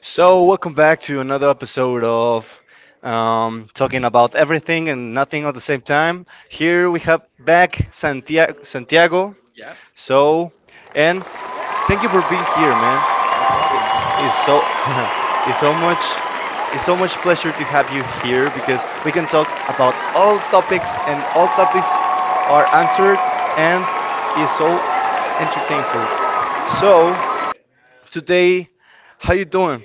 So, welcome back to another episode of talking about everything and nothing at the same time. Here we have back Santiago. Santiago. Yeah, So, and thank you for being here, man. no problem. It- It's so it's so much it's so much pleasure to have you here because we can talk about all topics, and all topics are answered, and is so entertainful. So, today, how you doing?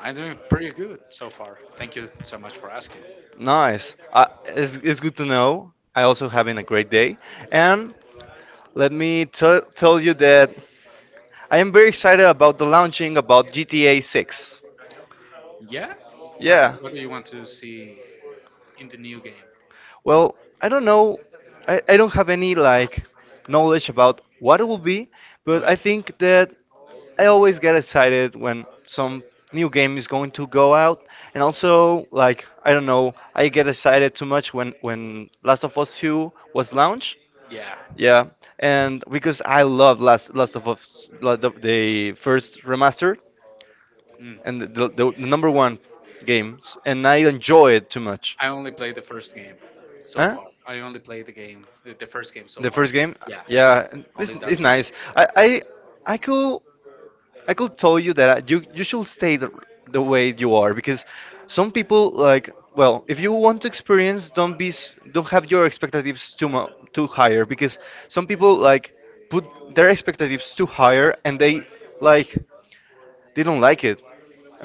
I'm doing pretty good so far. Thank you so much for asking. Nice. It's good to know. I also having a great day. And let me tell you that I am very excited about the launching about GTA 6. Yeah? What Yeah. What do you want to see in the new game? Well, I don't know. I don't have any like knowledge about what it will be, No. but I think that I always get excited when some new game is going to go out. And also like I don't know, I get excited too much when Last of Us 2 was launched. Yeah. Yeah, and because I love Last of Us, the first remaster Mm. and the number one games, and I enjoy it too much. I only played the first game so Huh? far. I only played the game, the first game so The far. first game, Yeah, yeah, only it's that one. nice. I could I could tell you that you should stay the way you are because some people like, well, if you want to experience, don't don't have your expectations too mu too higher because some people like put their expectations too higher and they like didn't like it,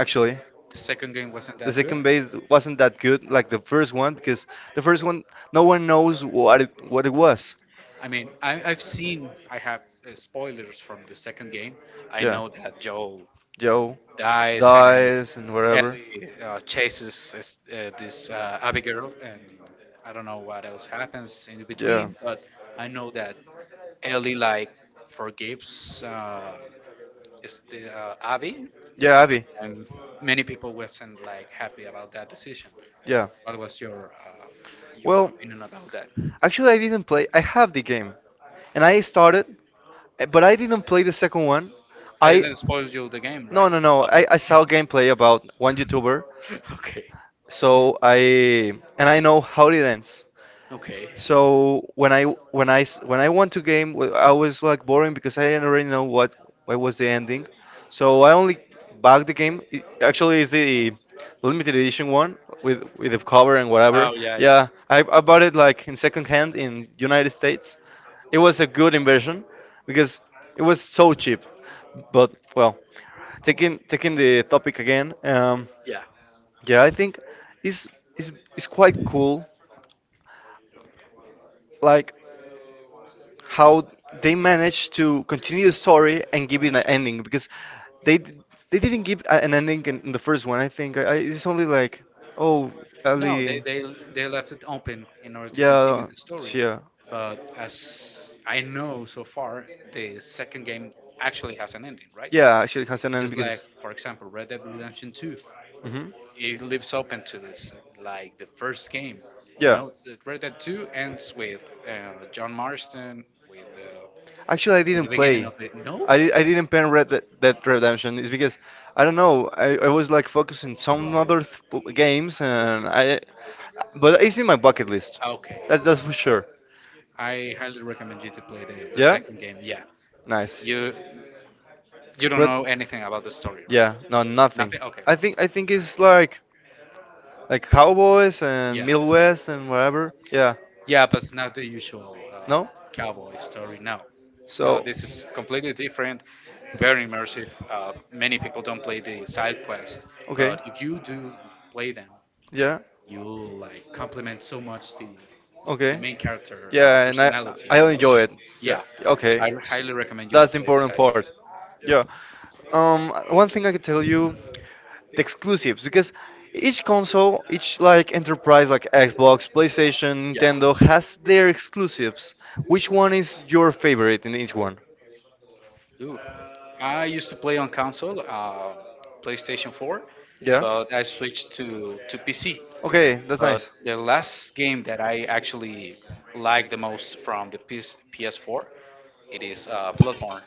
actually. The second game wasn't The that good. second base wasn't that good like the first one because the first one no one knows what it was. I mean, I've seen, I have spoilers from the second game. I Yeah, know that Joel Joe dies and dies and whatever. Ellie chases this Abigail, and I don't know what else happens in Yeah, between, but I know that Ellie like forgives is the Abby, yeah, Abby. and many people wasn't like happy about that decision. Yeah. What was your Well, opinion about that? actually, I didn't play. I have the game, and I started. But I didn't play the second one. I I didn't spoil you the game, right? no no no. I saw gameplay about one YouTuber. Okay, So I And I know how it ends. okay. So when I when I won to game, I was like boring because I didn't already know what was the ending. So I only bought the game. It actually, is the limited edition one with the cover and Oh whatever. yeah, yeah. Yeah, I bought it like in second hand in United States. It was a good inversion because it was so cheap. But well, taking the topic again. Yeah. Yeah, I think it's it's, it's quite cool. Like how they managed to continue the story and give it an ending because they d- they didn't give an ending in the first one. I think it's only like, oh, No, they, Ali, they they left it open in order to continue yeah, the story. she, uh, But as I know so far, the second game actually has an ending, right? yeah, she has an ending Just like, because. for example, Red Dead Redemption 2, Hmm. it leaves open to this, like the first game. You Yeah. know, So Red Dead 2 ends with John Marston, with, uh, Actually, I with the didn't beginning play. of the. No? I didn't play Red Dead Redemption. It's because I don't know. I was like focused on some other th games, and I. But it's in my bucket list. Okay. That's for sure. I highly recommend you to play the, yeah, Yeah. second game. Yeah. Nice. You you don't Red. know anything about the story, right? Yeah. No, nothing. Nothing? Okay, I think no. it's like, cowboys and Yeah. Middle West and whatever. Yeah. Yeah, but it's not the usual No? cowboy story. No. No, So. this is completely different, very immersive. Many people don't play the side quest, Okay. but if you do play them, Yeah. you like complement so much the Okay. main character Yeah, and personality, you I'll know? enjoy it. Yeah. Yeah, Okay. I So highly recommend you to that's the play the important side part. quest. Yeah. One thing I could tell you, the exclusives, because each console, each like enterprise like Xbox, PlayStation, Yeah. Nintendo has their exclusives, which one is your favorite in each one? Ooh. I used to play on console, PlayStation 4, Yeah. but I switched to PC. Okay, that's But nice. the last game that I actually like the most from the PS4, it is Bloodborne.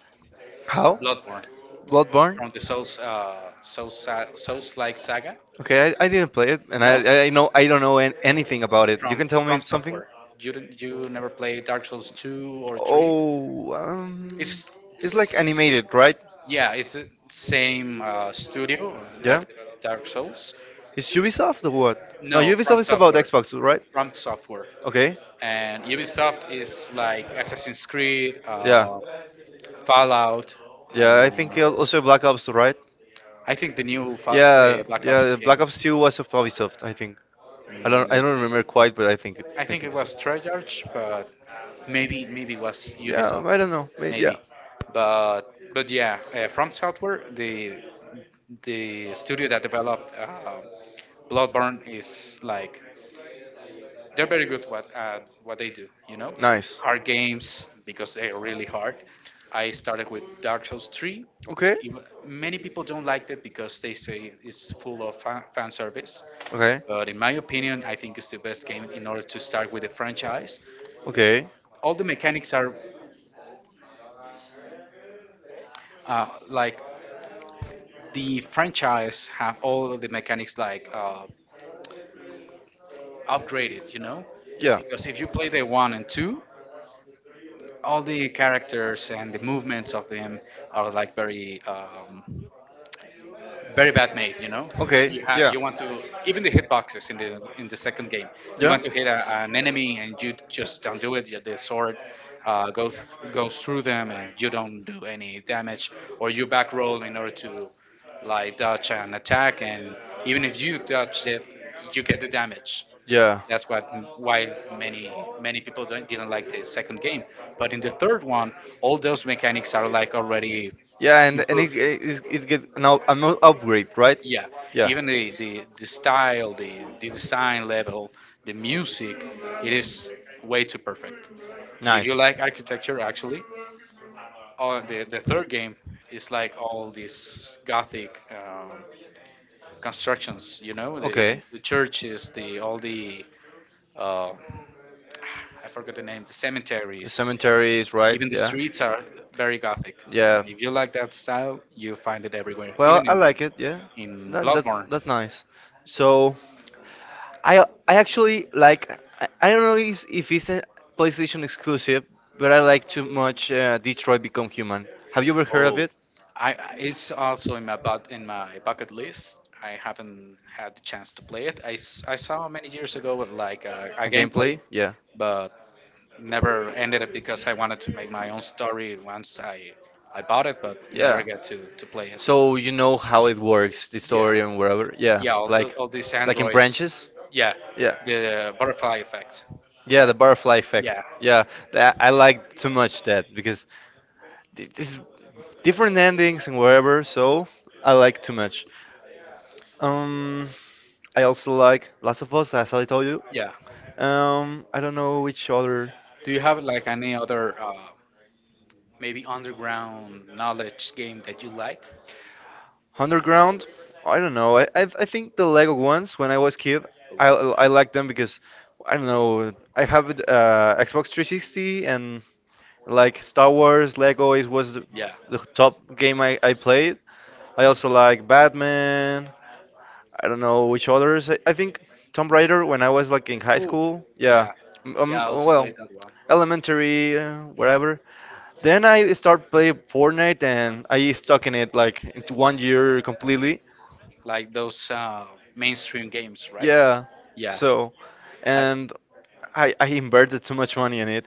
How? Bloodborne Bloodborne. from the Souls like saga. Okay, I didn't play it, and No? I don't know anything about it. You from can tell me from something. Software. You didn't, you never played Dark Souls two or three. Oh, um, It's, it's like it's animated, right? yeah, it's the same studio Yeah. that developed Dark Souls. It's Ubisoft or what? No, No, From Ubisoft is about Software, Xbox, right? From Software. Okay. And Ubisoft is like Assassin's Creed, Yeah. Fallout. Uh, Yeah, I think also Black Ops, right? I think the new Yeah, Black Ops yeah, Black game. Ops 2 was of Ubisoft, I think. Mm. I don't remember quite, but I I think it think so. was Treyarch, but maybe was Yeah, Ubisoft, I don't know. But yeah. maybe, but but yeah, From Software, the studio that developed Bloodborne is like they're very good what they do. You know, Nice. hard games because they're really hard. I started with Dark Souls 3. Okay. Many people don't like it because they say it's full of fan service. Okay. But in my opinion, I think it's the best game in order to start with the franchise. Okay. All the mechanics are like the franchise have all of the mechanics like upgraded, Yeah. because if you play the one and two, all the characters and the movements of them are like very very bad made. You know, Okay. you have Yeah. you want to even the hitboxes in the second game. You want to hit an enemy and you just don't do it. The sword uh, goes goes through them and you don't do any damage, or you back roll in order to like dodge an attack. And even if you dodge it, you get the damage. Yeah. Yeah. That's what why many many people don't, didn't like the second game. But in the third one, all those mechanics are like already Yeah, and improved. It gets an upgrade, right? Yeah, Yeah. even the style, the design level, the music, it is way too perfect. If you Nice. like architecture, actually the third game is like all these gothic constructions, Okay. The churches, the all the uh, I forgot the name, the The cemeteries. cemetery is right. Even the Yeah. streets are very gothic, Yeah. and if you like that style, you find it everywhere, Well, even I in like it. Yeah. in Bloodborne. That's nice. So. I I actually like, I don't know if it's a PlayStation exclusive, but I like too much Detroit Become Human. Have you ever heard of Oh, it? It's also in my, but in my bucket list. I haven't had the chance to play it. I saw many years ago with, like a A gameplay, gameplay? Yeah. but never ended it because I wanted to make my own story once I bought it, but never Yeah. get to play it. So you know how it works, the Yeah, story and wherever. Yeah. yeah, all the, Like all these like in androids. branches? Yeah, Yeah. the butterfly effect, Yeah, right? the butterfly effect. Yeah, Yeah, I like too much that because this is different endings and whatever, so I like too much. Um, I also like Last of Us, as I told you. yeah. I don't know which other. Do you have like any other maybe underground knowledge game that you like? Underground. I don't know. I think the Lego ones when I Oof. was kid, I I liked them because I don't know. I have Xbox 360, and like Star Wars, Lego is was Yeah. the top game I played. I also like Batman. I don't know which others. I think Tomb Raider when I was like in high Oh, school. Yeah. yeah. Yeah, I also Well, played that one. elementary, wherever. Then I start playing Fortnite and I stuck in it like into one year completely. Like those mainstream games, right? Yeah. Yeah. So, I and I inverted too much money in it.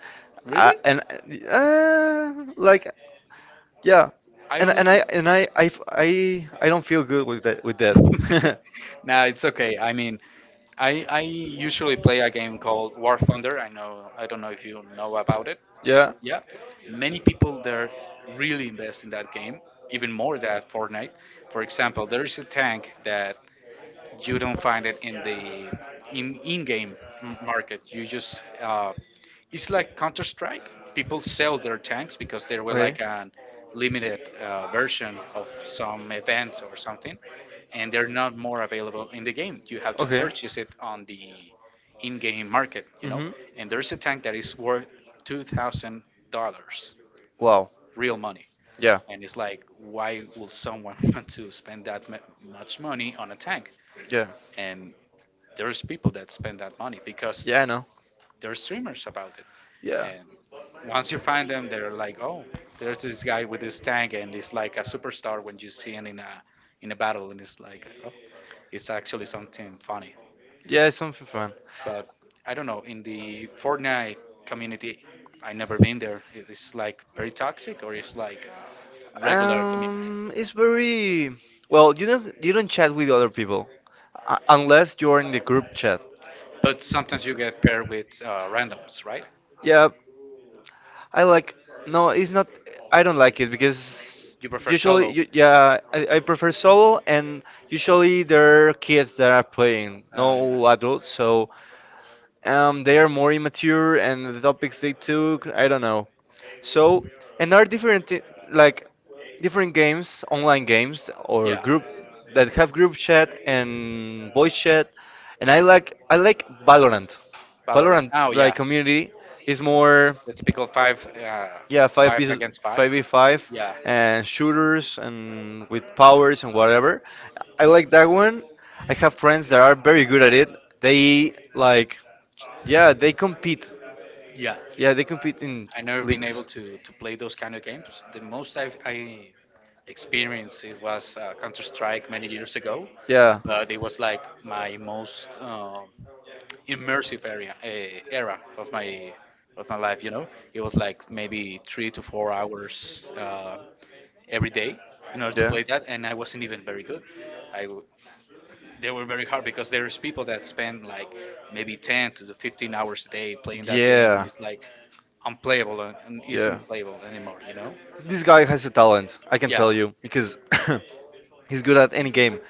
I, Really? and like, yeah. I yeah, And only. I don't feel good with that with that. That. Nah, it's okay. I mean, I usually play a game called War Thunder. I don't know if you know about it. Yeah. Yeah, many people there really invest in that game, even more than Fortnite. For example, there is a tank that you don't find it in the in in-game market. You just it's like Counter Strike. People sell their tanks because they were like an limited version of some events or something, and they're not more available in the game. You have to Okay. purchase it on the in-game market, you Okay. know. Hmm. And there's a tank that is worth $2,000 Wow. real money. Yeah. And it's like, why will someone want to spend that much money on a tank? Yeah. And there's people that spend that money because Yeah, I know. they're streamers about it. Yeah. And once you find them, they're like, oh, there's this guy with this tank, and it's like a superstar when you see him in a battle, and it's like, oh, it's actually something funny. Yeah, it's something fun. But I don't know. In the Fortnite community, I never been there. It's like very toxic, or it's like regular community. It's very well. You don't chat with other people, unless you're in the group chat. But sometimes you get paired with randoms, right? Yeah, I like. No, it's not. I don't like it because You prefer usually, solo. Yeah, I prefer solo, and usually there are kids that are playing, Uh, no adults. So um, they are more immature, and the topics they took, I don't know. So, and there are different, like, different games, online games, or yeah. group that have group chat and voice chat. And I like Valorant. Valorant. Valorant, Oh, like yeah. community, is more. The typical Yeah, five against five five. v five Yeah. and shooters and with powers and whatever. I like that one. I have friends that are very good at it. They like, yeah, they compete. Yeah. Yeah, they compete in I never been able leagues. to play those kind of games. The most I experienced it was Counter Strike many years ago, Yeah. but it was like my most immersive area era of my life. You know, it was like maybe 3 to 4 hours every day in order to play that, and I wasn't even very good. I w- they were very hard because there's people that spend like maybe 10 to 15 hours a day Yeah. playing that game, and Yeah. it's like unplayable and Yeah. isn't playable anymore. You know? This guy has a talent, I can Yeah. tell you, because he's good at any game.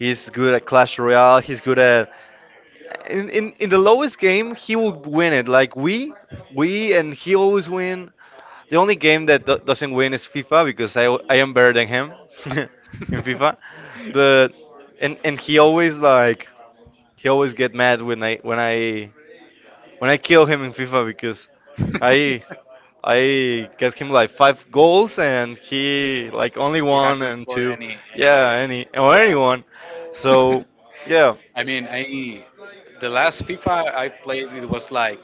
He's good at Clash Royale, he's good at in the lowest game he will win it. We and he always win. The only game that doesn't win is FIFA because I am better than him in FIFA. But and he always like he always get mad when I kill him in FIFA because He I I get him like five goals and he like only one hasn't and scored two, any yeah, goal. any or Yeah. anyone. So yeah, I mean, I the last FIFA I played it was like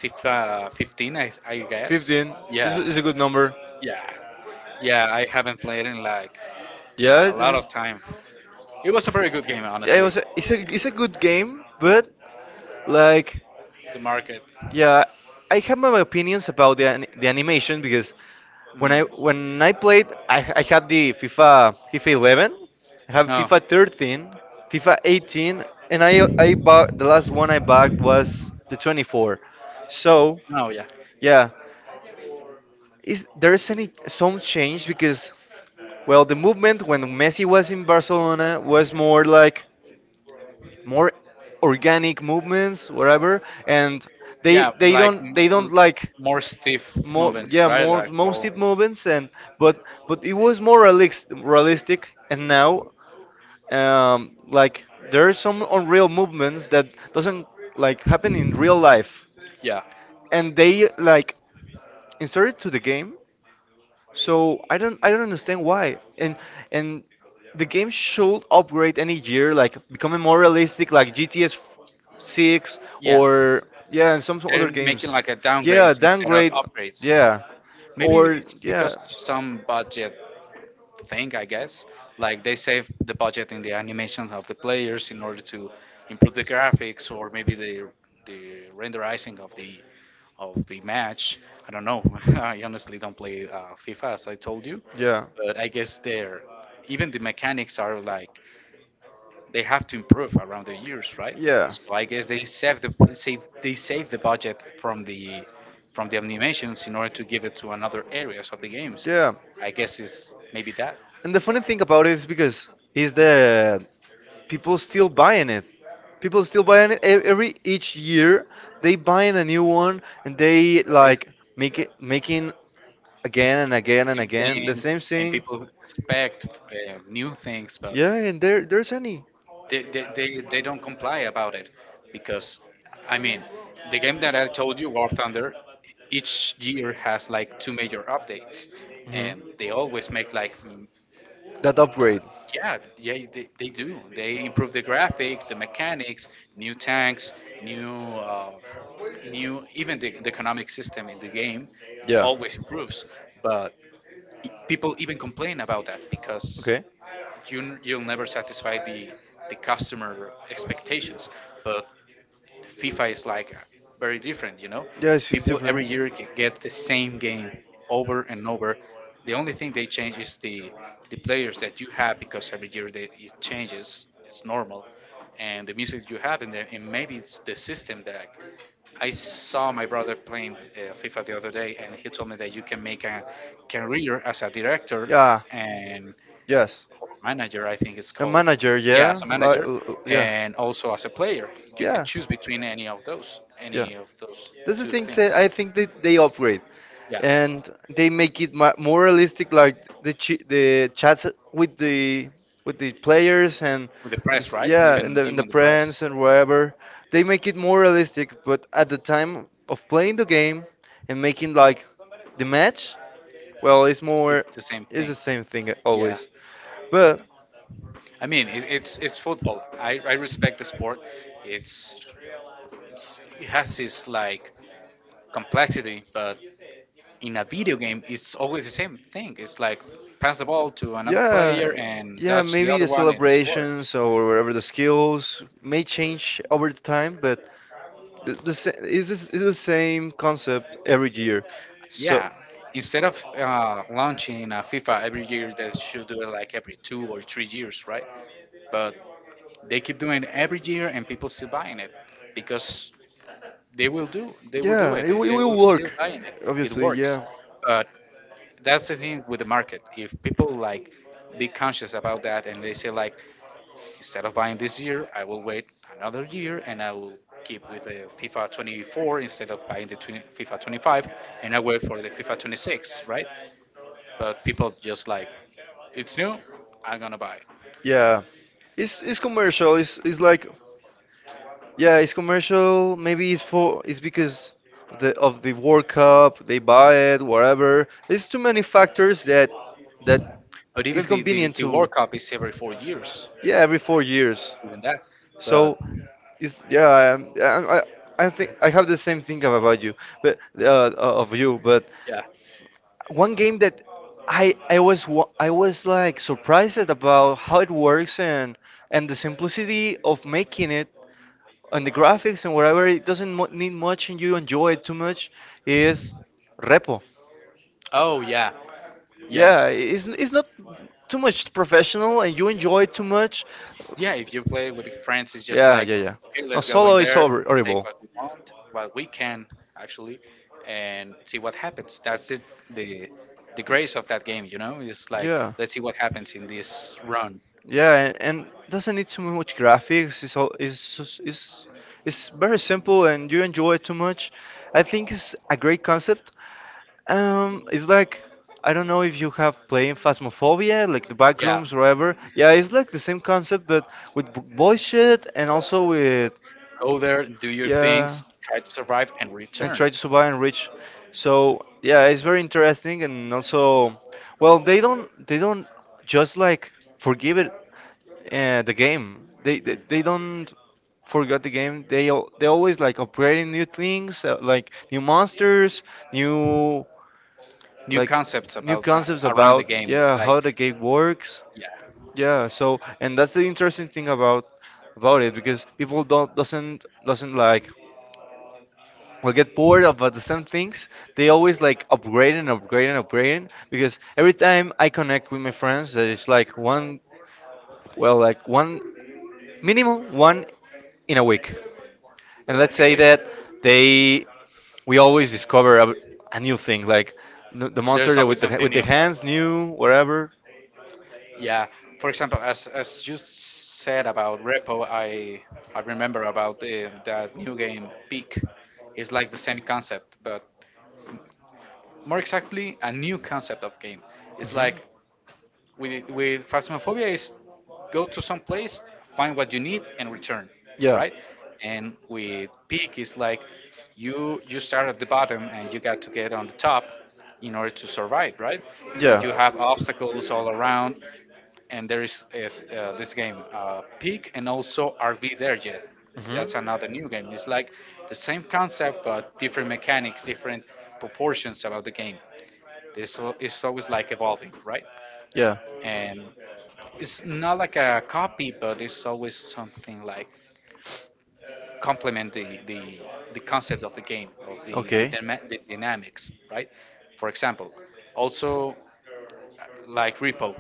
FIFA 15, I guess. 15 Yeah, is a good number. yeah, yeah. I haven't played in like Yeah, a it's, lot it's- of time. It was a very good game, yeah, it honestly. was a, it's a it's a good game, but like, The market. yeah, I have my opinions about the animation because when I Mm. Played, I had the FIFA 11, I have No, FIFA 13, FIFA 18, and I bought the last one I bought was the 24. So no, yeah, yeah, is there is any some change because well the movement when Messi was in Barcelona was more like more organic movements whatever, and yeah. Like they don't like more stiff more movements, yeah right? more Like most all. hip movements and but but it was more realistic and now like there are some unreal movements that doesn't like happen in real life Yeah. and they like inserted to the game, So so I don't understand why, and the game should upgrade any year like becoming more realistic like gts 6 or yeah and some other they're making games like a, yeah, yeah instead of. downgrade yeah Maybe or it's yeah. because some budget thing, I guess. Like they save the budget in the animations of the players in order to improve the graphics or maybe the renderizing of the match. I don't know. I honestly don't play FIFA as I told you, Yeah. but I guess they're, even the mechanics are like they have to improve around the years, right? So I guess they save the save they save the budget from the animations in order to give it to another areas of the games. Yeah. Yeah. I guess is maybe that. And the funny thing about it is because is that people still buying it. People still buying it, every each year. They buying a new one and They they like make it making the same again and again and again the thing, same and thing. people expect new things, but Yeah, and there there's any. they don't comply about it because, I mean, the game that I told you, War Thunder, each year has like two major updates, Mhm. and they always make like That upgrade. yeah, yeah, they do. They improve the graphics, the mechanics, new tanks, new, uh, new, even the economic system in the game always improves. But people even complain about that because you you'll never satisfy the customer expectations. But FIFA is like very different. Yeah, it's, People different. every year get the same game over and over. The only thing they change is the players that you have because every year it changes. It's normal, and the music you have, and maybe it's the system that I saw my brother playing FIFA the other day, and he told me that you can make a career as a director and Yes. or manager, I think it's A called. manager, Yeah, as yeah, a like, manager, yeah, and also as a player, you can yeah, choose between any of those, yeah. That's the two thing that things. I think that they upgrade Yeah, and they make it more realistic, like the chats with the with the players and, with the press, right? yeah, and Even the even the friends press and wherever. They make it more realistic, but at the time of playing the game and making like the match, well, it's it's more, the same it's thing. the same thing Yeah. always. But I mean, it's football. I respect the sport. It's, it has its like complexity, but in a video game, it's always the same thing. It's like pass the ball to another player yeah, and yeah, dodge the maybe other the one and score. celebrations or whatever the skills may change over the time, but the sa- is this is the same concept every year. So Yeah. Instead of launching a FIFA every year, they should do it like every 2 or 3 years, right? But they keep doing it every year, and people still buying it because they will do yeah, it. They, it they will will work, still buying it. It obviously. works, Yeah. but that's the thing with the market. If people like be conscious about that and they say like instead of buying this year, I will wait another year and I will keep with the FIFA 24 instead of buying the 20, FIFA 25 and I wait for the FIFA 26, right? But people just like it's new, I'm gonna buy it. Yeah, it's commercial. It's like, yeah, it's commercial. Maybe it's for it's because the of the World Cup they buy it, whatever. There's too many factors that But it's even the, the, convenient the to, World Cup is every 4 years, yeah, every 4 years. even that. But So it's yeah, I think I have the same thing about you, but yeah, one game that I was like surprised about how it works, and the simplicity of making it, and the graphics and whatever. It doesn't mu need much and you enjoy it too much is Repo. oh yeah, yeah. Yeah, it's not too much professional and you enjoy it too much. Yeah, if you play with friends, it's just Yeah, like, yeah, yeah. okay, No, let's go in solo is there, take horrible. what we want, what we can actually, and see what happens. That's it. The the grace of that game, it's like Yeah. let's see what happens in this run. Yeah, and doesn't need too much graphics. It's all it's, s- It's very simple, and you enjoy it too much. I think it's a great concept. It's like I don't know if you have played Phasmophobia, like the back Yeah, rooms, or whatever. Yeah, it's like the same concept, but with boy shit and also with go there, do your yeah, things, try to survive, and and try return. to survive and reach. So yeah, it's very interesting. And also, well, they don't just like forgive it the game. They, they Mm. they don't forget the game. They always like upgrading new things, like new monsters, new, New like concepts new about concepts around about the game is yeah like, how the game works. yeah, Yeah, so and that's the interesting thing about it, because people don't doesn't like will get bored about the same things. They always like upgrade and upgrade and upgrade, because every time I connect with my friends, that is like one, one, minimum one, in a week. And let's say okay. that they we always discover a new thing, like the monster There's that always something with the new. hands, new whatever. Yeah, for example, as you said about repo, I remember about that new game Peak. It's like the same concept, but more exactly a new concept of game. It's Mhm. like with Phasmophobia is go to some place, find what you need, and return, right? And with Peak, it's like you start at the bottom and you got to get on the top in order to survive, right? You have obstacles all around, and there is this game Peak and also RV There Yet. That's another new game. It's like the same concept but different mechanics, different proportions about the game. This is always like evolving, right? Yeah. And it's not like a copy, but it's always something like complement the concept of the game of the dynamics, right? For example, also like Repo.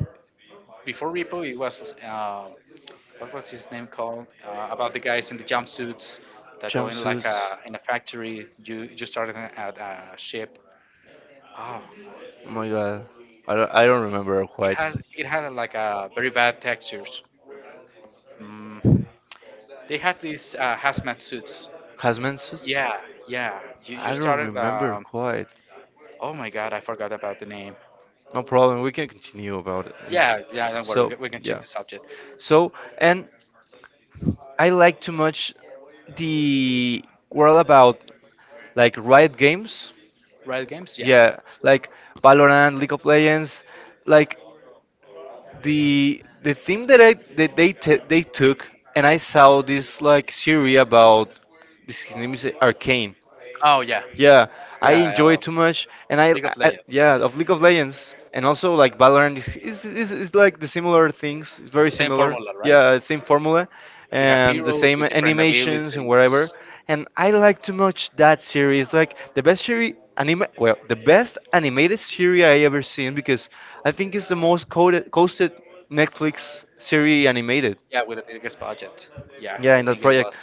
Before Repo, it was what was his name called about the guys in the jumpsuits that go in like a in a factory. You started at a ship. Oh, Oh my god. Don't, I don't remember quite. It had Had like a very bad textures. Mm. They had these hazmat suits. hazmat suits? Yeah, yeah. You I don't started. remember Um, quite. oh my god, I forgot about the name. No problem. We can continue about it. And Yeah, yeah. Don't worry, we so, can, we can change yeah. the subject. So, and I like too much the world about like Riot Games. Riot Games. Yeah. Yeah, like Valorant, League of Legends, like the theme that I that they t they took, and I saw this like series about this. His name is Arcane. Oh yeah, Yeah, I yeah. enjoy it too much, and League of I Legends. yeah, of League of Legends, and also like Valorant is like the similar things. It's very Same similar. formula, right? Yeah, same formula, You have and the heroes same with different animations and whatever. abilities. And I like too much that series. Like the best series anime, well, the best animated series I ever seen, because I think it's the most coded, costed Netflix series animated. Yeah, with the biggest budget. Yeah, Yeah, I in that think it was project.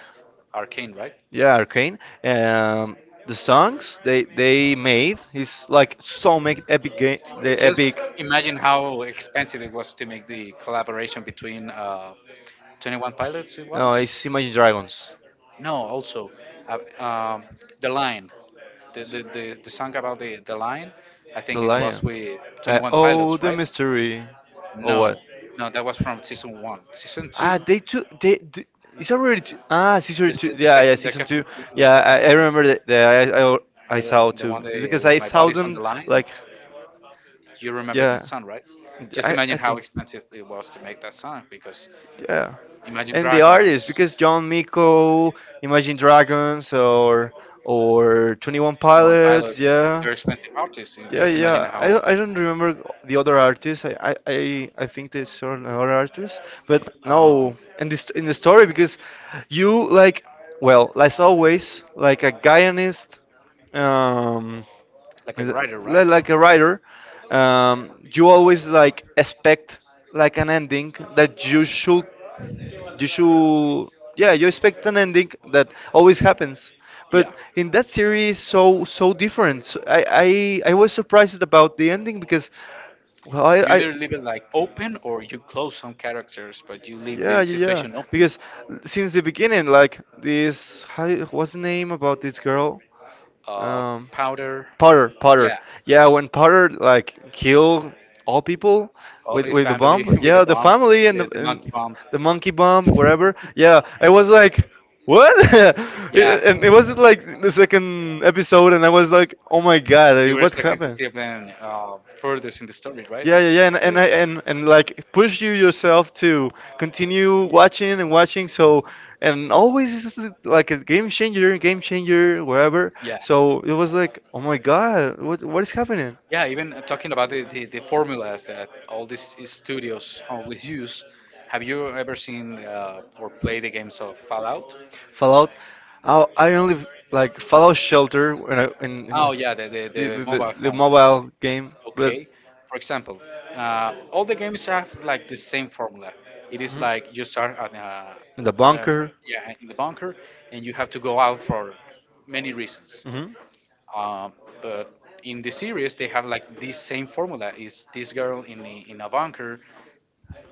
Arcane, right? Yeah, Arcane. The songs they made is like so make epic game the Just epic. imagine how expensive it was to make the collaboration between 21 Pilots, it No, was? it's Imagine Dragons, No, also, uh, um, The Line, the song about the Line, I the think it lion. was with Like 21 oh Pilots, the right? mystery, or No, what? no, that was from season one. Season two, Ah, they took they. They it's already two, ah season the, two, se- the yeah yeah, second, the, season two, second- the, yeah. se- I remember that I uh, saw the one too. that It's because is I My saw Body's on the them Line. like You remember that yeah. sound, right? Just I imagine how think. expensive it was to make that sound because Yeah. Imagine And the artists, Dragons, because John Miko, Imagine Dragons, or 21 21 Pilots, Pilots, yeah, they're expensive artists. You yeah, just imagine yeah. How, I don't remember the other artists. I think there's certain other artists, but no. um, In this in the story, because you like, well, as always, like a Guyanist, um, like a uh, writer, right? Like a writer, you always like expect like an ending that you should yeah you expect an ending that always happens, but Yeah. in that series so so different. So I I was surprised about the ending because well You I either leave it like open or you close some characters, but you leave the yeah yeah yeah, situation open. because since the beginning, like this how, what's the name about this girl? Uh, Um, Powder, Potter, Potter. yeah, Yeah, when Potter like kill all people all with his the bomb. family with the Yeah, the bomb, family and the monkey bomb. the monkey bomb, whatever. Yeah, I was like what? Yeah. And it was like the second episode, and I was like, oh my god, You like, were what expecting to happened? see them further in the story, right? Yeah, yeah, yeah, and and But I and, and like push you yourself to continue watching and watching. So and always this is like a game changer, wherever. yeah, So it was like, oh my god, what is happening? yeah. Even talking about the formulas that all these studios always use. Have you ever seen or played the games of Fallout? Fallout. I only like Fallout Shelter when in Oh yeah, the, the, the mobile the phone. mobile game, but Okay. For example, all the games have like the same formula. It is mhm. like you start In the bunker. yeah, in the bunker, and you have to go out for many reasons. Hmm hmm Um, but in the series, they have like this same formula: is this girl in a bunker?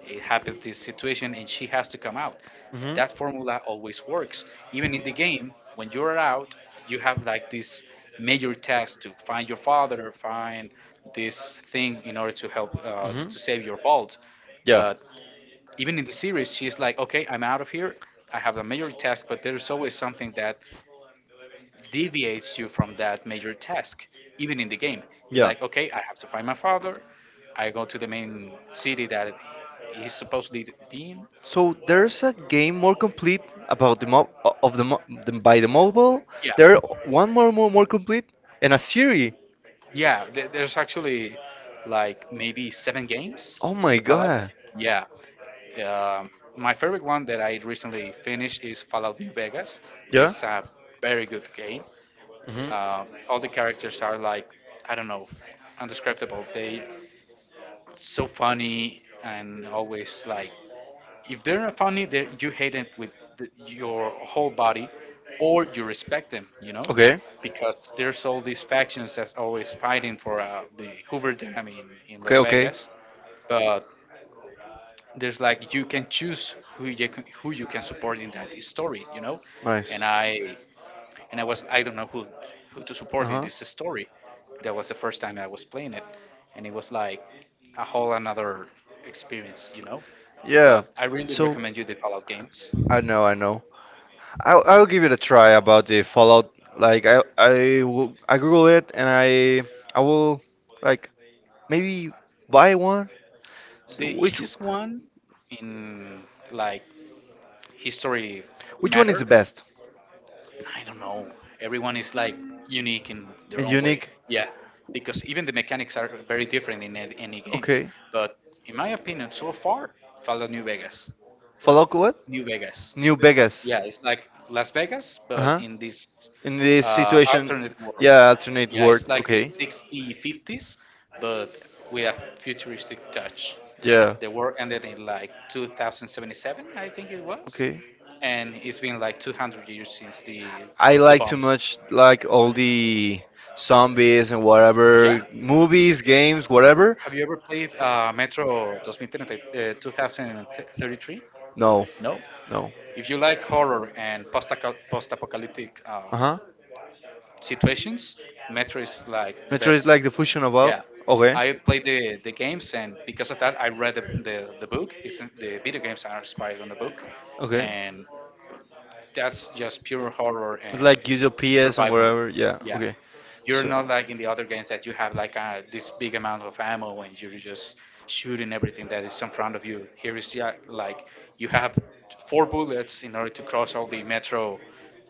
It happens this situation, and she has to come out. hmm. That formula always works. Even in the game, when you're out, you have like this major task to find your father, find this thing in order to help to save your vault. Yeah. But even in the series, she's like, okay, I'm out of here. I have a major task, but there's always something that deviates you from that major task, even in the game. It's Yeah. like, okay, I have to find my father. I go to the main city that he's supposedly to be in. So there's a game more complete about the mo of the, mo the by the mobile. There Yeah, one more complete and a series. yeah. There's actually like maybe seven games Oh from my the Fallout. God. Yeah. Um, my favorite one that I recently finished is Fallout New Vegas. Yeah. It's a very good game. Hmm. All the characters are like, I don't know, undescribable. They so funny and always like if they're not funny, they you hate them with your whole body, or you respect them, Okay. because there's all these factions that's always fighting for the Hoover Dam in Las Okay. Vegas, but there's like you can choose who you Okay. can, who you can support in that story, Nice. and I and I don't know who to Uh support in huh. this story. That was the first time I was playing it, and it was like a whole another experience. Yeah. But I really So recommend you the Fallout games. I know, I know. I will give it a try about the Fallout. Like I Google it and I will like maybe buy one. So The easiest one in like history which one is the matter, best I don't know. Everyone is like unique in their and own way. unique? Yeah, because even the mechanics are very different in any games. Okay. But in my opinion, so far, Fallout New Vegas. Fallout what? New Vegas. New Vegas. Yeah, it's like Las Vegas, Uh but huh. in this In this situation, alternate world. yeah, alternate Yeah, it's world. like the Okay. 60s, 50s, but with a futuristic touch. Yeah. The war ended in like 2077, I think it was, Okay. and it's been like 200 years since the I the like too bombs. much like all the zombies and Yeah. whatever movies, games, whatever. Have you ever played Metro 2030, 2033? No, No. no. If you like horror and post-apocalyptic Uh huh. situations, Metro is like the Metro is like best. the fusion of all. Yeah, Okay. I played the games, and because of that, I read the book. The video games are inspired on the book, Okay. and that's just pure horror and Like use your PS and survival. wherever. Yeah. Yeah, Okay. you're not like in the other games that you have like this big amount of ammo and you're just shooting everything that is in front of you. Here is yeah, like you So. have four bullets in order to cross all the metro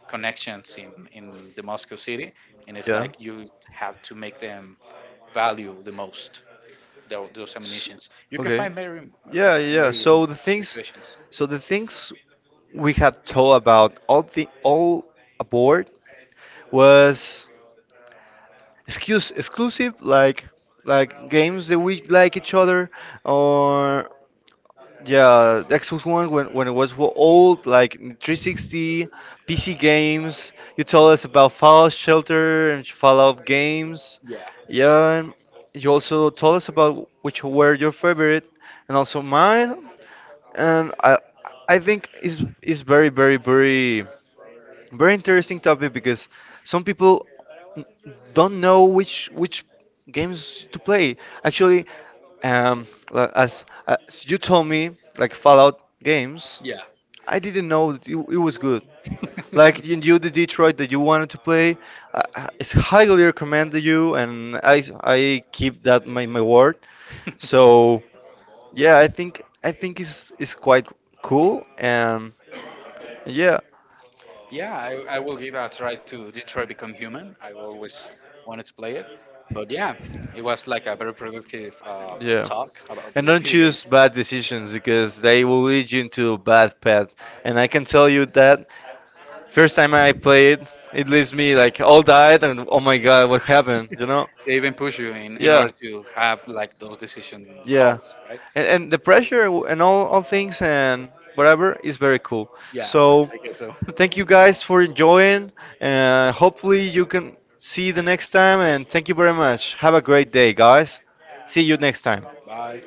connections in the Moscow city, and it's Yeah. like you have to make them value the most those S- ammunitions. You can okay. find very Yeah, yeah. very weird situations. So the things we have told about all the all aboard was excuse exclusive, like games that we like each other, or yeah, the Xbox One when it was old, like 360, PC games. You told us about Fallout Shelter and Fallout games. Yeah, Yeah, and you also told us about which were your favorite and also mine. And I think is very interesting topic, because some people don't know which games to play. Actually, um, as, you told me, like Fallout games, yeah. I didn't know that it was good. Like you knew the Detroit that you wanted to play, I it's highly recommended you, and I keep that my word. So yeah, I think it's quite cool, and yeah. Yeah, I will give a try to Detroit Become Human. I always wanted to play it. But yeah, it was like a very productive Yeah. talk about And the don't video choose games. bad decisions, because they will lead you into a bad path. And I can tell you that first time I played, it leaves me like all died and oh my god, what happened? You know? They even push you in Yeah. order to have like those decision Yeah. calls, right? And the pressure and all things and whatever is very cool. Yeah, So I guess so. thank you guys for enjoying. Hopefully you can see you the next time. And thank you very much. Have a great day, guys. See you next time. Bye.